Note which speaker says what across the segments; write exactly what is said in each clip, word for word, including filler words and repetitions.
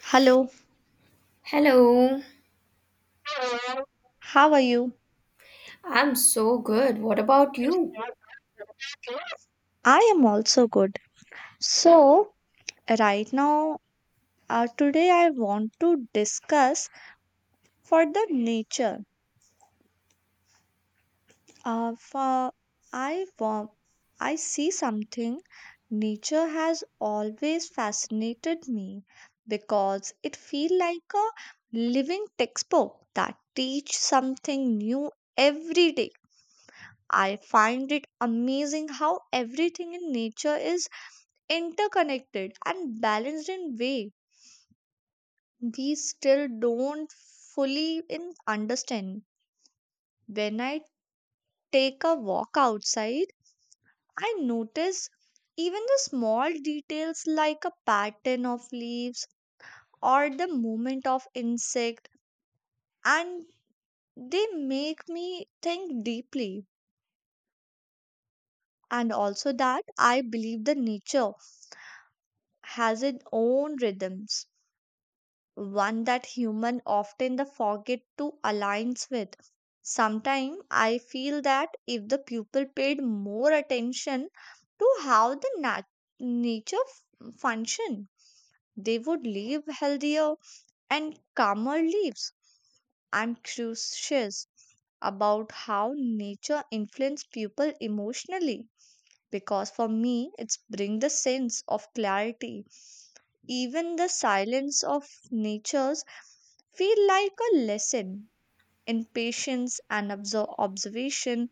Speaker 1: Hello,
Speaker 2: Hello,
Speaker 1: how are you?
Speaker 2: I'm so good. What about you?
Speaker 1: I am also good. So, right now, uh, today I want to discuss for the nature. Uh, for I want, I see something. Nature has always fascinated me because it feel like a living textbook that teach something new every day. I find it amazing how everything in nature is interconnected and balanced in way we still don't fully in understand. When I take a walk outside, I notice even the small details like a pattern of leaves or the movement of insect, and they make me think deeply. And also that I believe the nature has its own rhythms, one that human often the forget to aligns with. Sometimes I feel that if the pupil paid more attention to how the nat- nature f- function, they would live healthier and calmer lives. I'm curious about how nature influences people emotionally because for me it's bring the sense of clarity. Even the silence of nature's feel like a lesson in patience and obser- observation.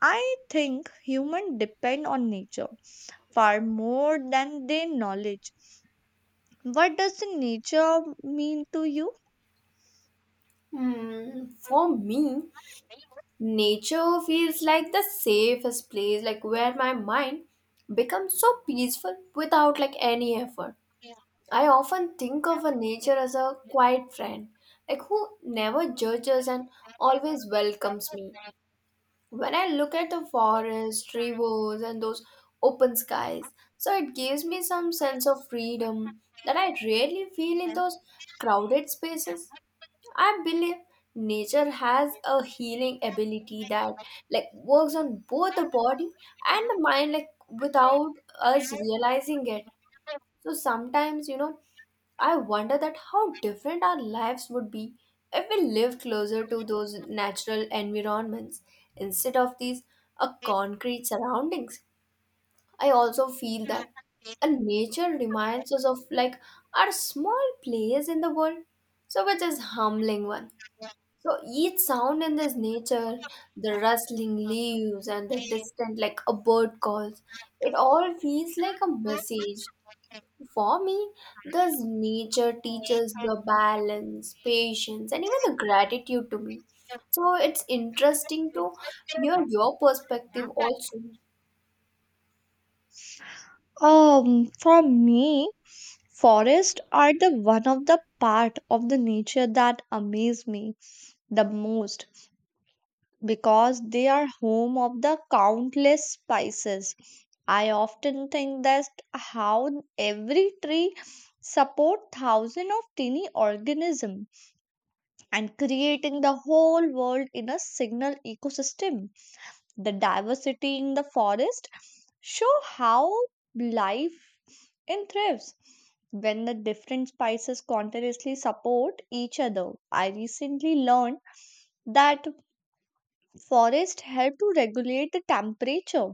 Speaker 1: I think human depend on nature far more than their knowledge. What does the nature mean to you?
Speaker 2: Hmm, for me, nature feels like the safest place, like where my mind becomes so peaceful without like any effort. I often think of a nature as a quiet friend, like who never judges and always welcomes me. When I look at the forest, rivers, and those open skies, so it gives me some sense of freedom that I rarely feel in those crowded spaces. I believe nature has a healing ability that like works on both the body and the mind like without us realizing it so sometimes, you know, I wonder that how different our lives would be if we lived closer to those natural environments instead of these uh, concrete surroundings. I also feel that a nature reminds us of like our small place in the world, so which is humbling one. So each sound in this nature, the rustling leaves and the distant like a bird calls, it all feels like a message for me, thus nature teaches the balance, patience, and even the gratitude to me. So it's interesting to hear your perspective also.
Speaker 1: Um for me, forests are the one of the part of the nature that amaze me the most because they are home of the countless spices. I often think that how every tree support thousands of tiny organisms and creating the whole world in a single ecosystem. The diversity in the forest show how life in thrives when the different spices continuously support each other. I recently learned that forests help to regulate the temperature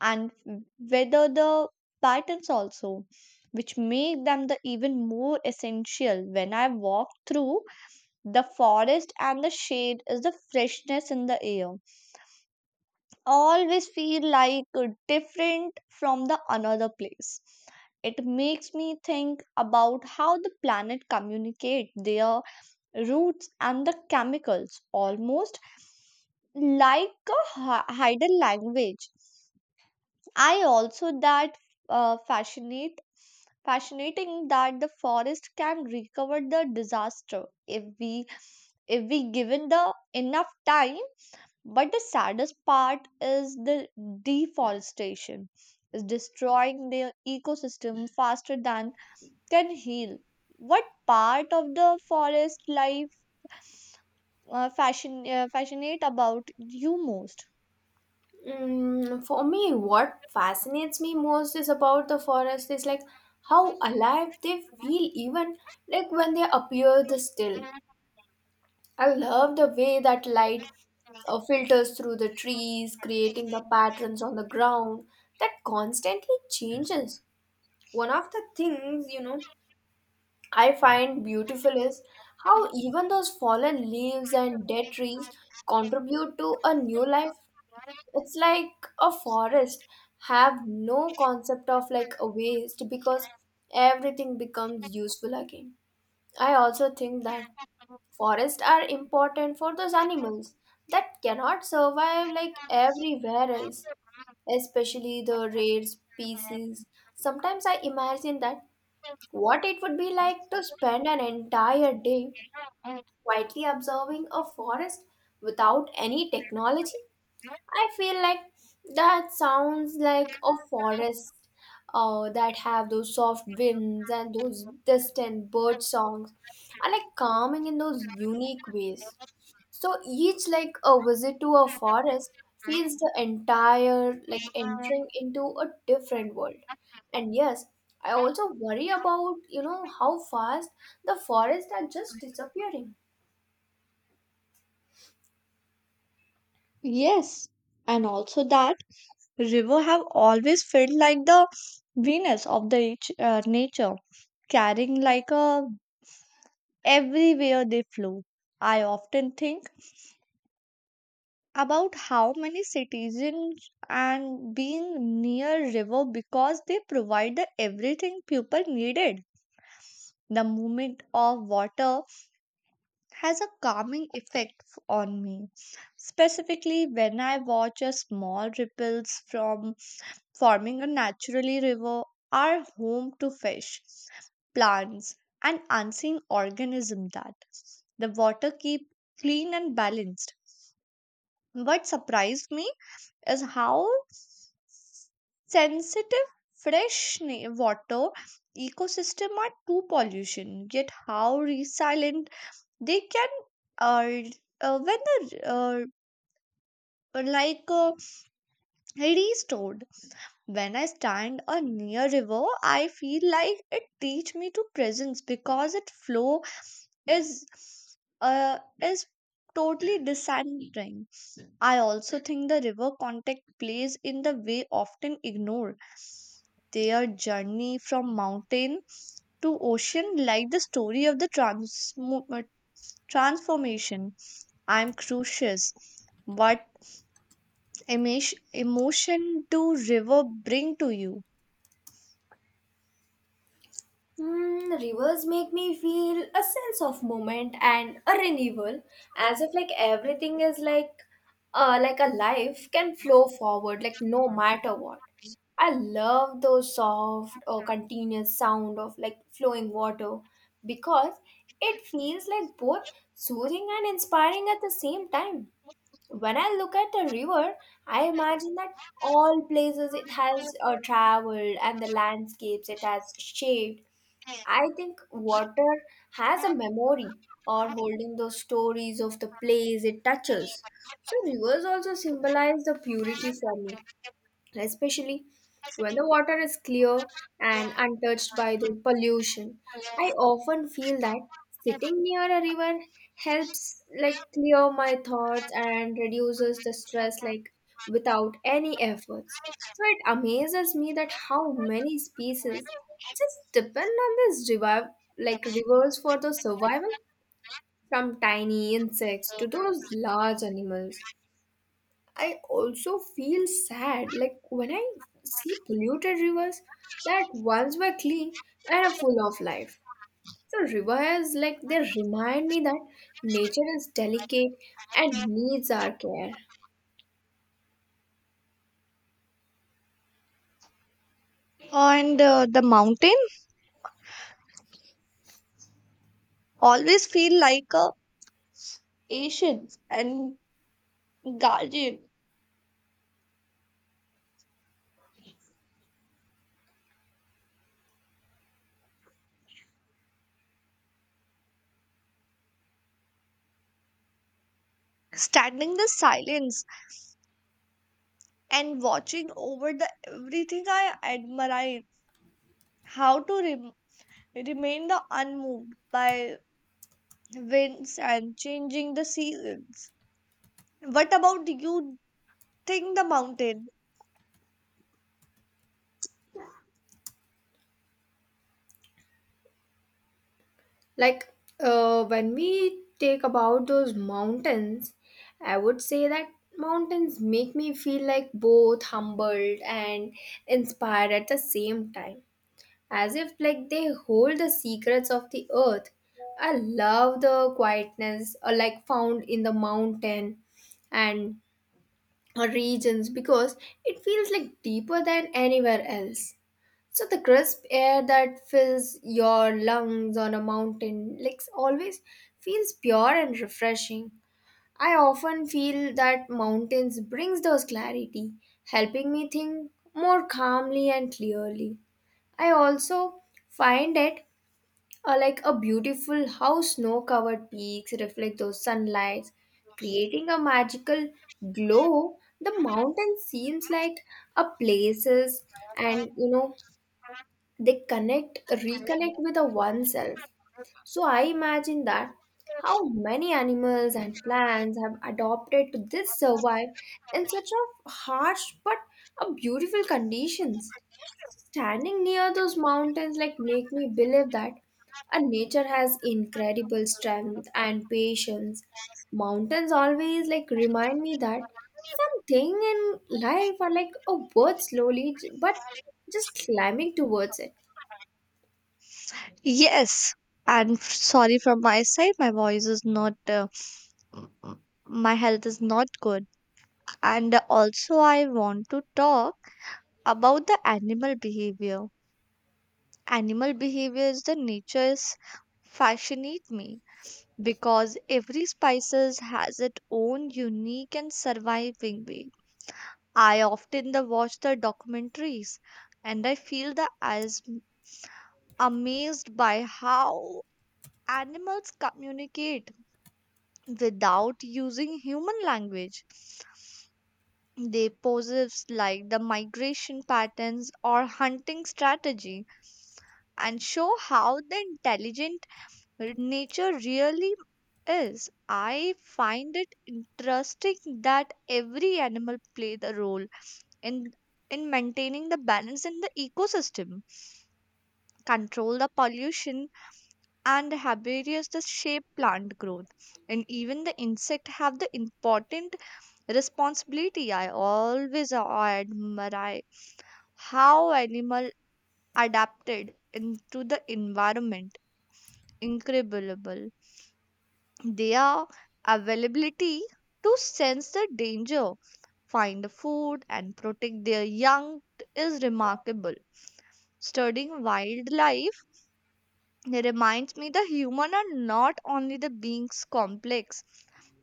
Speaker 1: and weather the patterns also, which make them the even more essential. When I walk through the forest and the shade is the freshness in the air. Always feel like uh, different from the another place. It makes me think about how the planet communicate their roots and the chemicals almost like a hi- hidden language. I also that uh, fascinate fascinating that the forest can recover the disaster if we if we given the enough time. But the saddest part is the deforestation is destroying their ecosystem faster than can heal. What part of the forest life uh, fashion uh, fascinate about you most?
Speaker 2: Mm, for me, what fascinates me most is about the forest is like how alive they feel even like when they appear the still. I love the way that light uh, filters through the trees, creating the patterns on the ground that constantly changes. One of the things, you know, I find beautiful is how even those fallen leaves and dead trees contribute to a new life. It's like a forest have no concept of like a waste because everything becomes useful again. I also think that forests are important for those animals that cannot survive like everywhere else, especially the rare species. Sometimes I imagine that what it would be like to spend an entire day quietly observing a forest without any technology? I feel like that sounds like a forest uh, that have those soft winds and those distant bird songs are like calming in those unique ways. So each like a visit to a forest feels the entire like entering into a different world. And yes, I also worry about, you know, how fast the forests are just disappearing.
Speaker 1: Yes, and also that river have always felt like the Venus of the nat- uh, nature, carrying like a everywhere they flow. I often think about how many citizens and being near river because they provide the everything people needed. The movement of water has a calming effect f- on me, specifically when I watch a small ripples from forming a naturally river are home to fish, plants, and unseen organisms that the water keep clean and balanced. What surprised me is how sensitive fresh na- water ecosystem are to pollution, yet how resilient they can uh, uh, when the uh, like uh, restored. When I stand uh, near river, I feel like it teach me to presence because its flow is uh, is totally discentering. I also think the river contact plays in the way often ignored, their journey from mountain to ocean like the story of the trans- transformation. I'm curious, what emish- emotion do river bring to you?
Speaker 2: Mm, rivers make me feel a sense of moment and a renewal, as if like everything is like, uh, like a life can flow forward, like no matter what. I love those soft or continuous sound of like flowing water because it feels like both soothing and inspiring at the same time. When I look at a river, I imagine that all places it has uh, traveled and the landscapes it has shaped. I think water has a memory or holding those stories of the place it touches. So rivers also symbolize the purity for me especially when the water is clear and untouched by the pollution. I often feel that sitting near a river helps like clear my thoughts and reduces the stress like without any efforts. So it amazes me that how many species just depend on this river like rivers for the survival from tiny insects to those large animals. I also feel sad like when I see polluted rivers that once were clean and are full of life. So rivers like they remind me that nature is delicate and needs our care.
Speaker 1: And uh, the mountain always feel like a patient and guardian, standing the silence and watching over the everything I admire. How to rem- remain the unmoved by winds and changing the seasons. What about you? Think the mountain.
Speaker 2: Like uh, when we take about those mountains, I would say that mountains make me feel like both humbled and inspired at the same time as if like they hold the secrets of the earth. I love the quietness uh, like found in the mountain and uh, regions because it feels like deeper than anywhere else. So the crisp air that fills your lungs on a mountain like always feels pure and refreshing. I often feel that mountains brings those clarity helping me think more calmly and clearly. I also find it uh, like a beautiful how snow covered peaks reflect those sunlights creating a magical glow. The mountain seems like a places and you know they connect reconnect with the oneself. So I imagine that how many animals and plants have adopted to this survive in such a harsh but a beautiful conditions. Standing near those mountains like make me believe that our nature has incredible strength and patience. Mountains always like remind me that something in life are like a bird slowly j- but just climbing towards it.
Speaker 1: Yes, and f- sorry from my side, my voice is not, uh, my health is not good. And also, I want to talk about the animal behavior. Animal behavior is the nature's fascinate me because every species has its own unique and surviving way. I often the watch the documentaries and I feel the as amazed by how animals communicate without using human language. They posits like the migration patterns or hunting strategy and show how the intelligent nature really is. I find it interesting that every animal play the role in in maintaining the balance in the ecosystem, control the pollution, and herbivorous the shape plant growth. And even the insect have the important responsibility. I always admire how animal adapted into the environment. Incredible. Their availability to sense the danger, find the food, and protect their young is remarkable. Studying wildlife, it reminds me the human are not only the beings complex,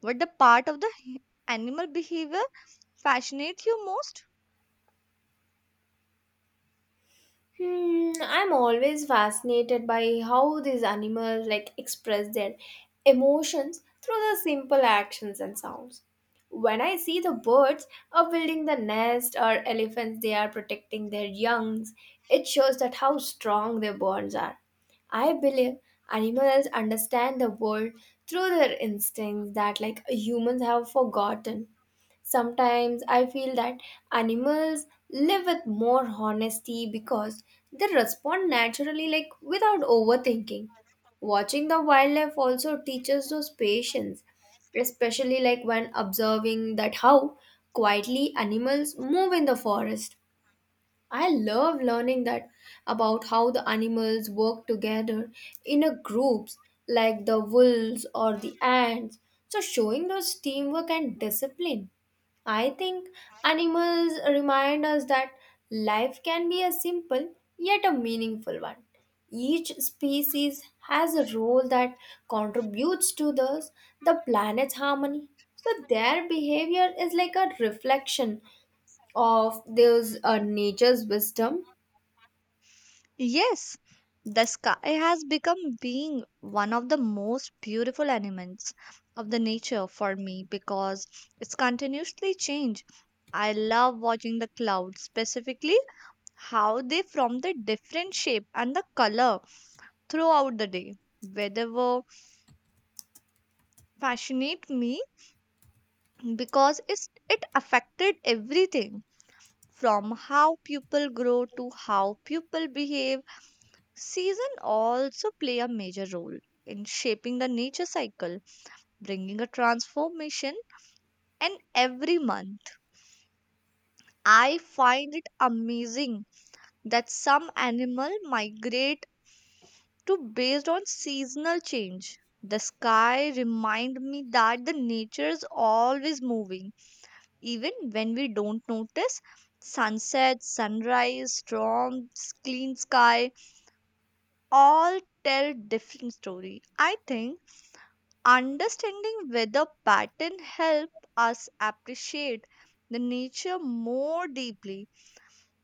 Speaker 1: but the part of the hu- animal behavior fascinates you most.
Speaker 2: Hmm, I'm always fascinated by how these animals like express their emotions through the simple actions and sounds. When I see the birds are building the nest or elephants they are protecting their youngs, it shows that how strong their bonds are. I believe animals understand the world through their instincts that like humans have forgotten. Sometimes I feel that animals live with more honesty because they respond naturally, like without overthinking. Watching the wildlife also teaches those patience, especially like when observing that how quietly animals move in the forest. I love learning that about how the animals work together in a groups like the wolves or the ants. So showing those teamwork and discipline. I think animals remind us that life can be a simple yet a meaningful one. Each species has a role that contributes to this, the planet's harmony. So their behavior is like a reflection of those uh, nature's wisdom.
Speaker 1: Yes, the sky has become being one of the most beautiful elements of the nature for me because it's continuously change. I love watching the clouds, specifically how they form the different shape and the color throughout the day. Weather fascinate me because it's, it affected everything from how people grow to how people behave. Season also play a major role in shaping the nature cycle, bringing a transformation and every month. I find it amazing that some animal migrate to based on seasonal change. The sky remind me that the nature is always moving even when we don't notice. Sunset, sunrise, storms, clean sky all tell different story. I think understanding weather pattern help us appreciate the nature more deeply.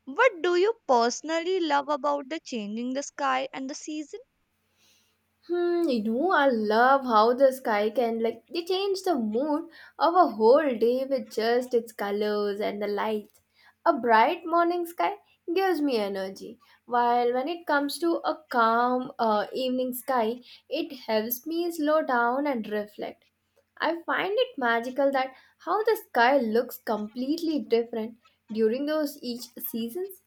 Speaker 1: What do you personally love about the changing the sky and the season?
Speaker 2: Hmm, you know, I love how the sky can like they change the mood of a whole day with just its colors and the light. A bright morning sky gives me energy, while when it comes to a calm uh, evening sky, it helps me slow down and reflect. I find it magical that how the sky looks completely different during those each seasons.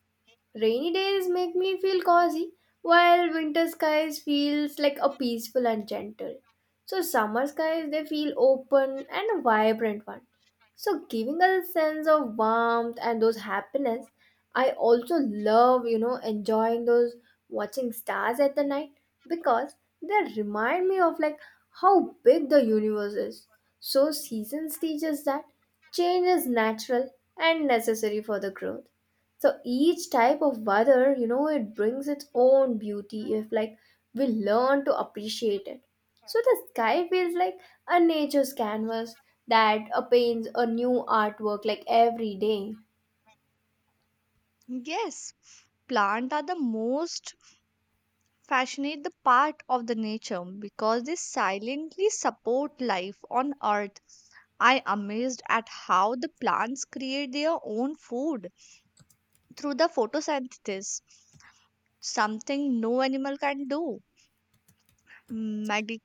Speaker 2: Rainy days make me feel cozy, while winter skies feels like a peaceful and gentle. So summer skies they feel open and a vibrant one. So giving us a sense of warmth and those happiness. I also love, you know, enjoying those watching stars at the night because they remind me of like how big the universe is. So seasons teach us that change is natural and necessary for the growth. So each type of weather you know it brings its own beauty if like we learn to appreciate it. So the sky feels like a nature's canvas that uh, paints a new artwork like every day.
Speaker 1: Yes, plants are the most fascinate the part of the nature because they silently support life on earth. I amazed at how the plants create their own food through the photosynthesis, something no animal can do. Medic-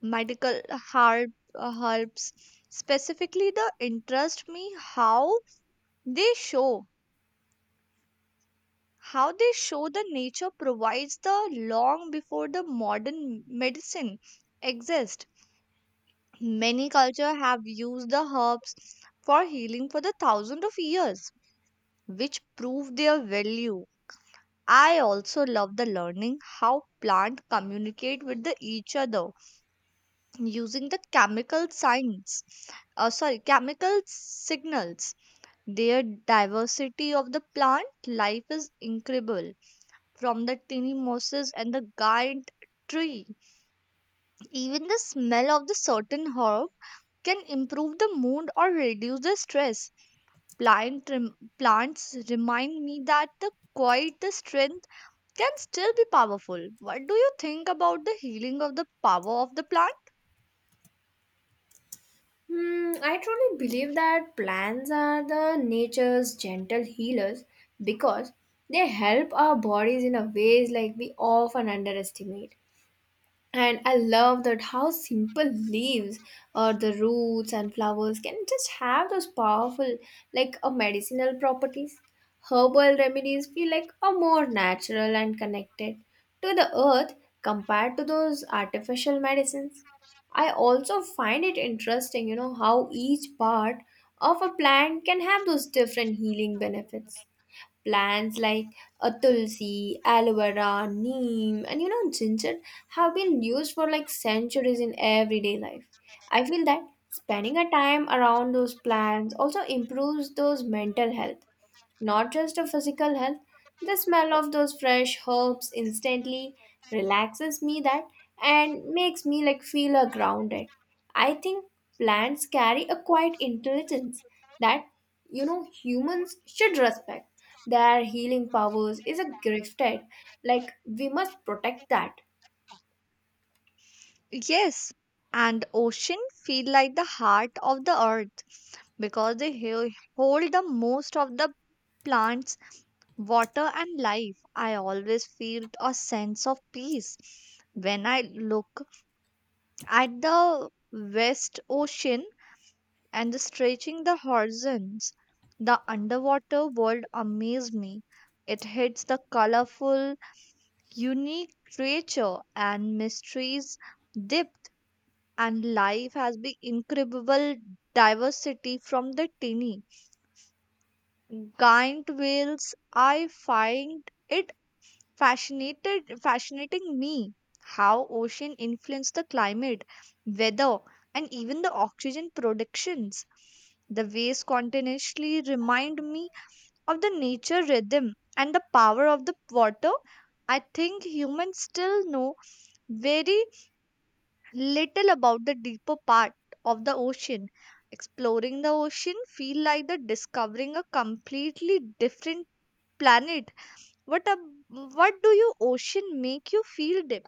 Speaker 1: Medical herb, uh, herbs specifically the interest me how they show how they show the nature provides the long before the modern medicine exists. Many cultures have used the herbs for healing for the thousands of years, which prove their value. I also love the learning how plants communicate with the each other using the chemical signs. Uh, sorry, chemical signals. Their diversity of the plant life is incredible from the tiny mosses and the giant tree. Even the smell of the certain herb can improve the mood or reduce the stress. Plant rem- plants remind me that the quiet the strength can still be powerful. What do you think about the healing of the power of the plant?
Speaker 2: Hmm, I truly believe that plants are the nature's gentle healers because they help our bodies in a ways like we often underestimate. And I love that how simple leaves or the roots and flowers can just have those powerful, like a medicinal properties. Herbal remedies feel like a more natural and connected to the earth compared to those artificial medicines. I also find it interesting, you know, how each part of a plant can have those different healing benefits. Plants like a tulsi, aloe vera, neem, and you know ginger have been used for like centuries in everyday life. I feel that spending a time around those plants also improves those mental health not just a physical health. The smell of those fresh herbs instantly relaxes me that and makes me like feel a grounded. I think plants carry a quiet intelligence that you know humans should respect. Their healing powers is a gifted, like we must protect that.
Speaker 1: Yes, and ocean feel like the heart of the earth because they he- hold the most of the plants, water and life. I always feel a sense of peace when I look at the West Ocean and the stretching the horizons. The underwater world amazed me. It hits the colorful, unique creature and mysteries depth, and life has been incredible diversity from the tiny giant whales. I find it fascinated fascinating me how ocean influence the climate, weather, and even the oxygen productions. The waves continuously remind me of the nature rhythm and the power of the water. I think humans still know very little about the deeper part of the ocean. Exploring the ocean feel like the discovering a completely different planet. What a, what do you ocean make you feel deep?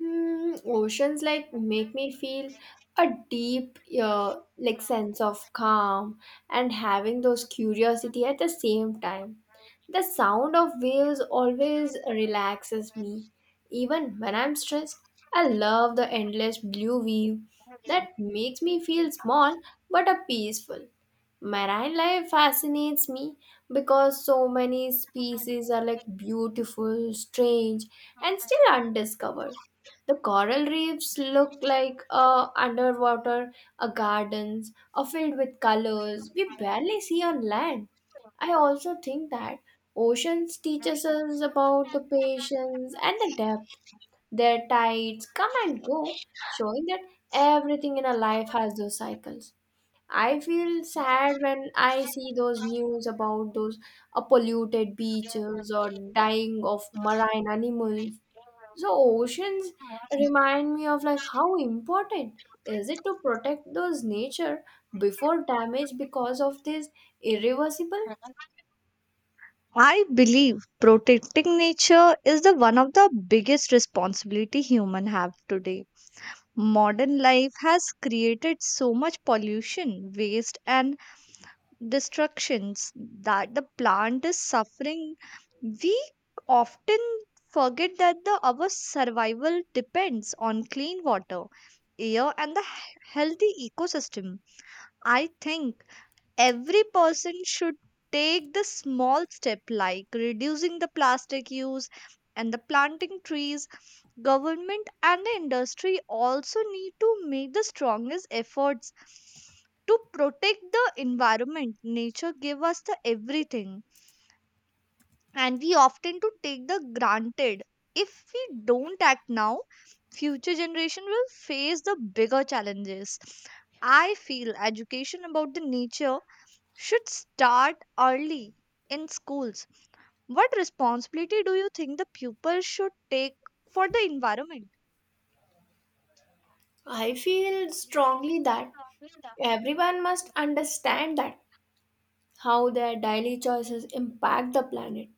Speaker 2: Hmm, oceans like make me feel a deep uh, like sense of calm and having those curiosity at the same time. The sound of waves always relaxes me. Even when I'm stressed, I love the endless blue wave that makes me feel small but a peaceful. Marine life fascinates me because so many species are like beautiful, strange, and still undiscovered. The coral reefs look like uh, underwater uh, gardens are filled with colors we barely see on land. I also think that oceans teaches us about the patience and the depth. Their tides come and go, showing that everything in our life has those cycles. I feel sad when I see those news about those uh, polluted beaches or dying of marine animals. So oceans remind me of like how important is it to protect those nature before damage because of this irreversible?
Speaker 1: I believe protecting nature is the one of the biggest responsibility human have today. Modern life has created so much pollution, waste and destructions that the plant is suffering. We often forget that the our survival depends on clean water, air and the he- healthy ecosystem. I think every person should take the small step like reducing the plastic use and the planting trees. Government and the industry also need to make the strongest efforts to protect the environment. Nature give us the everything and we often to take the granted. If we don't act now, future generation will face the bigger challenges. I feel education about the nature should start early in schools. What responsibility do you think the pupils should take for the environment?
Speaker 2: I feel strongly that everyone must understand that how their daily choices impact the planet.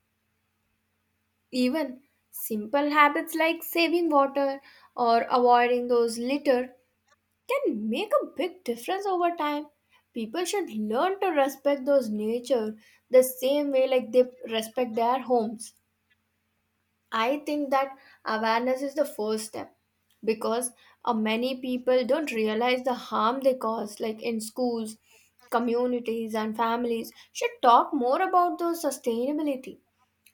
Speaker 2: Even simple habits like saving water or avoiding those litter can make a big difference over time. People should learn to respect those nature the same way like they respect their homes. I think that awareness is the first step because uh, many people don't realize the harm they cause like in schools communities and families should talk more about those sustainability.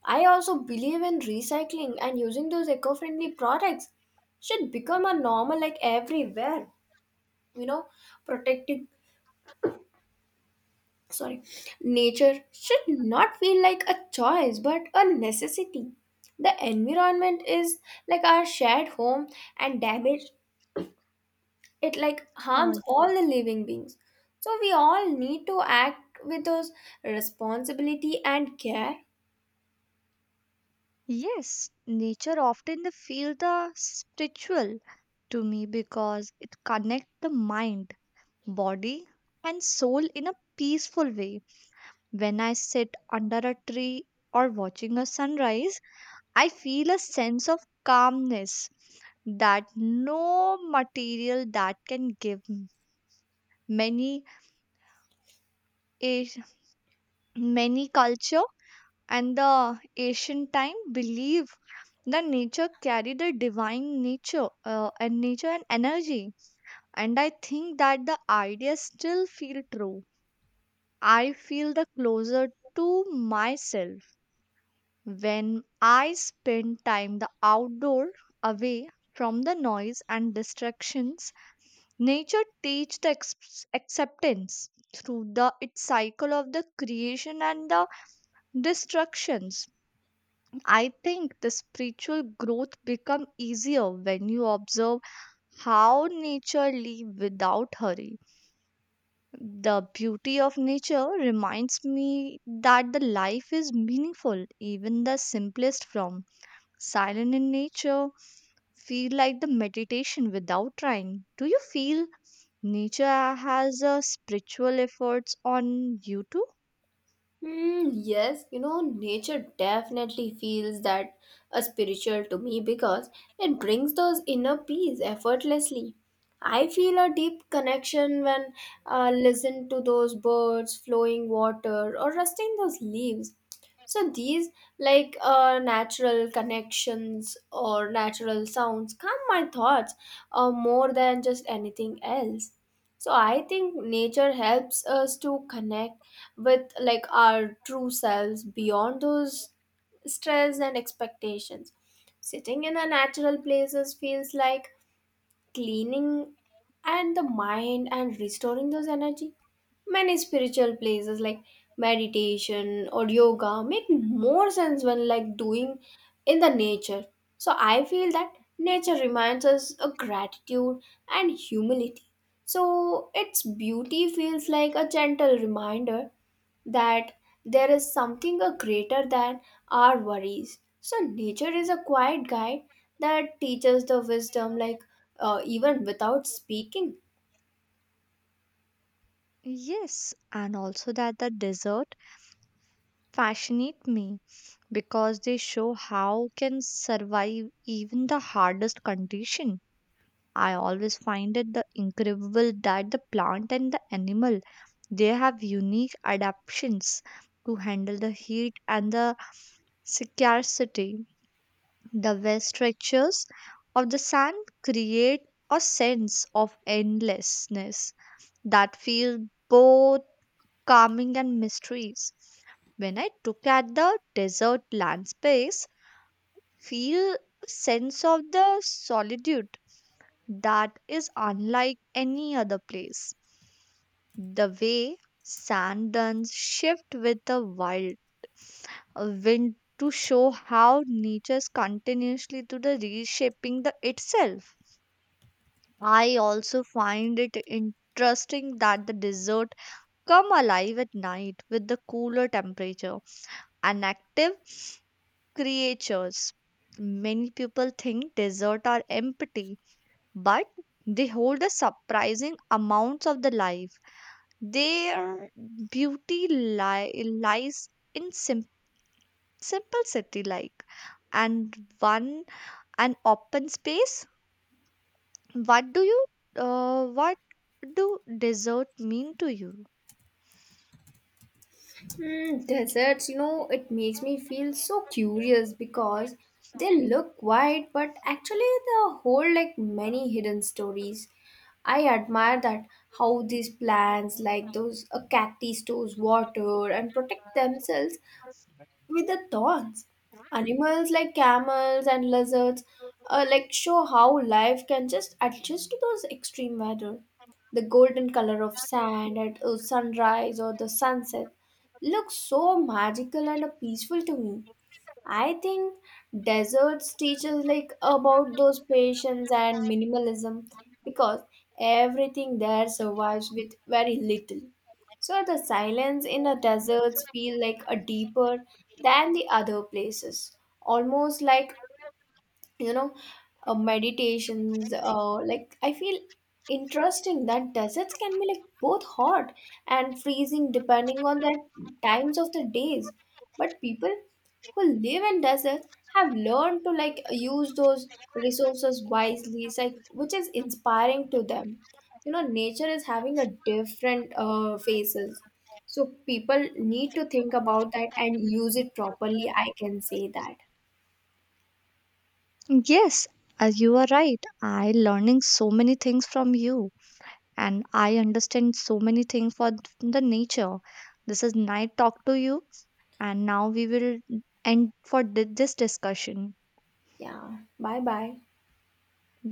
Speaker 2: I also believe in recycling and using those eco-friendly products should become a normal like everywhere. You know, protecting sorry, nature should not feel like a choice but a necessity. The environment is like our shared home and damage it like
Speaker 1: Uh,
Speaker 2: harms all the living beings. So we all need to act with those responsibility and care.
Speaker 1: yes, nature often they feel the spiritual to me because it connects the mind, body, and soul in a peaceful way. When I sit under a tree or watching a sunrise, I feel a sense of calmness that no material that can give. many As- Many culture and the ancient time believe that nature carry the divine nature uh, and nature and energy, and I think that the idea still feel true. I feel the closer to myself when I spend time the outdoor away from the noise and distractions. Nature teaches the ex- acceptance through the its cycle of the creation and the destructions. I think the spiritual growth become easier when you observe how nature live without hurry. The beauty of nature reminds me that the life is meaningful, even the simplest form. Silent in nature feel like the meditation without trying. Do you feel nature has a spiritual efforts on you too?
Speaker 2: Hmm, yes, you know, nature definitely feels that a spiritual to me because it brings those inner peace effortlessly. I feel a deep connection when I listen to those birds, flowing water, or rusting those leaves. So these like uh, natural connections or natural sounds calm my thoughts uh, more than just anything else. So I think nature helps us to connect with like our true selves beyond those stress and expectations. Sitting in a natural places feels like cleaning and the mind and restoring those energy. Many spiritual places like meditation or yoga make more sense when like doing in the nature. So I feel that nature reminds us of gratitude and humility. So its beauty feels like a gentle reminder that there is something a greater than our worries. So nature is a quiet guide that teaches the wisdom, like uh, even without speaking.
Speaker 1: Yes, and also that the desert fascinate me because they show how can survive even the hardest condition. I always find it the incredible that the plant and the animal they have unique adaptations to handle the heat and the scarcity. The vast stretches of the sand create a sense of endlessness that feels both calming and mysterious. When I look at the desert land space, feel a sense of the solitude that is unlike any other place. The way sand dunes shift with the wild uh, wind to show how nature's continuously to the reshaping the itself. I also find it interesting that the desert come alive at night with the cooler temperature and active creatures. Many people think desert are empty, but they hold a surprising amounts of the life. Their beauty li- lies in sim- simple city like and one an open space. What do you uh, what do desert mean to you?
Speaker 2: Hmm, deserts, you know, it makes me feel so curious because they look quiet, but actually they hold like many hidden stories. I admire that how these plants, like those uh, cacti, stores water and protect themselves with the thorns. Animals like camels and lizards uh, like show how life can just adjust to those extreme weather. The golden color of sand at uh, sunrise or the sunset looks so magical and uh, peaceful to me. I think deserts teach us like about those patience and minimalism because everything there survives with very little. So the silence in the deserts feel like a deeper than the other places, almost like you know uh, meditations uh, like I feel interesting that deserts can be like both hot and freezing depending on the times of the days. But people who live in deserts have learned to like use those resources wisely, it's like which is inspiring to them. you know nature is having a different uh, faces, so people need to think about that and use it properly, I can say that.
Speaker 1: Yes, uh, you are right. I learning so many things from you and I understand so many things for th- the nature. This is night talk to you, and now we will end for thi- this discussion.
Speaker 2: Yeah, bye bye.
Speaker 1: Bye.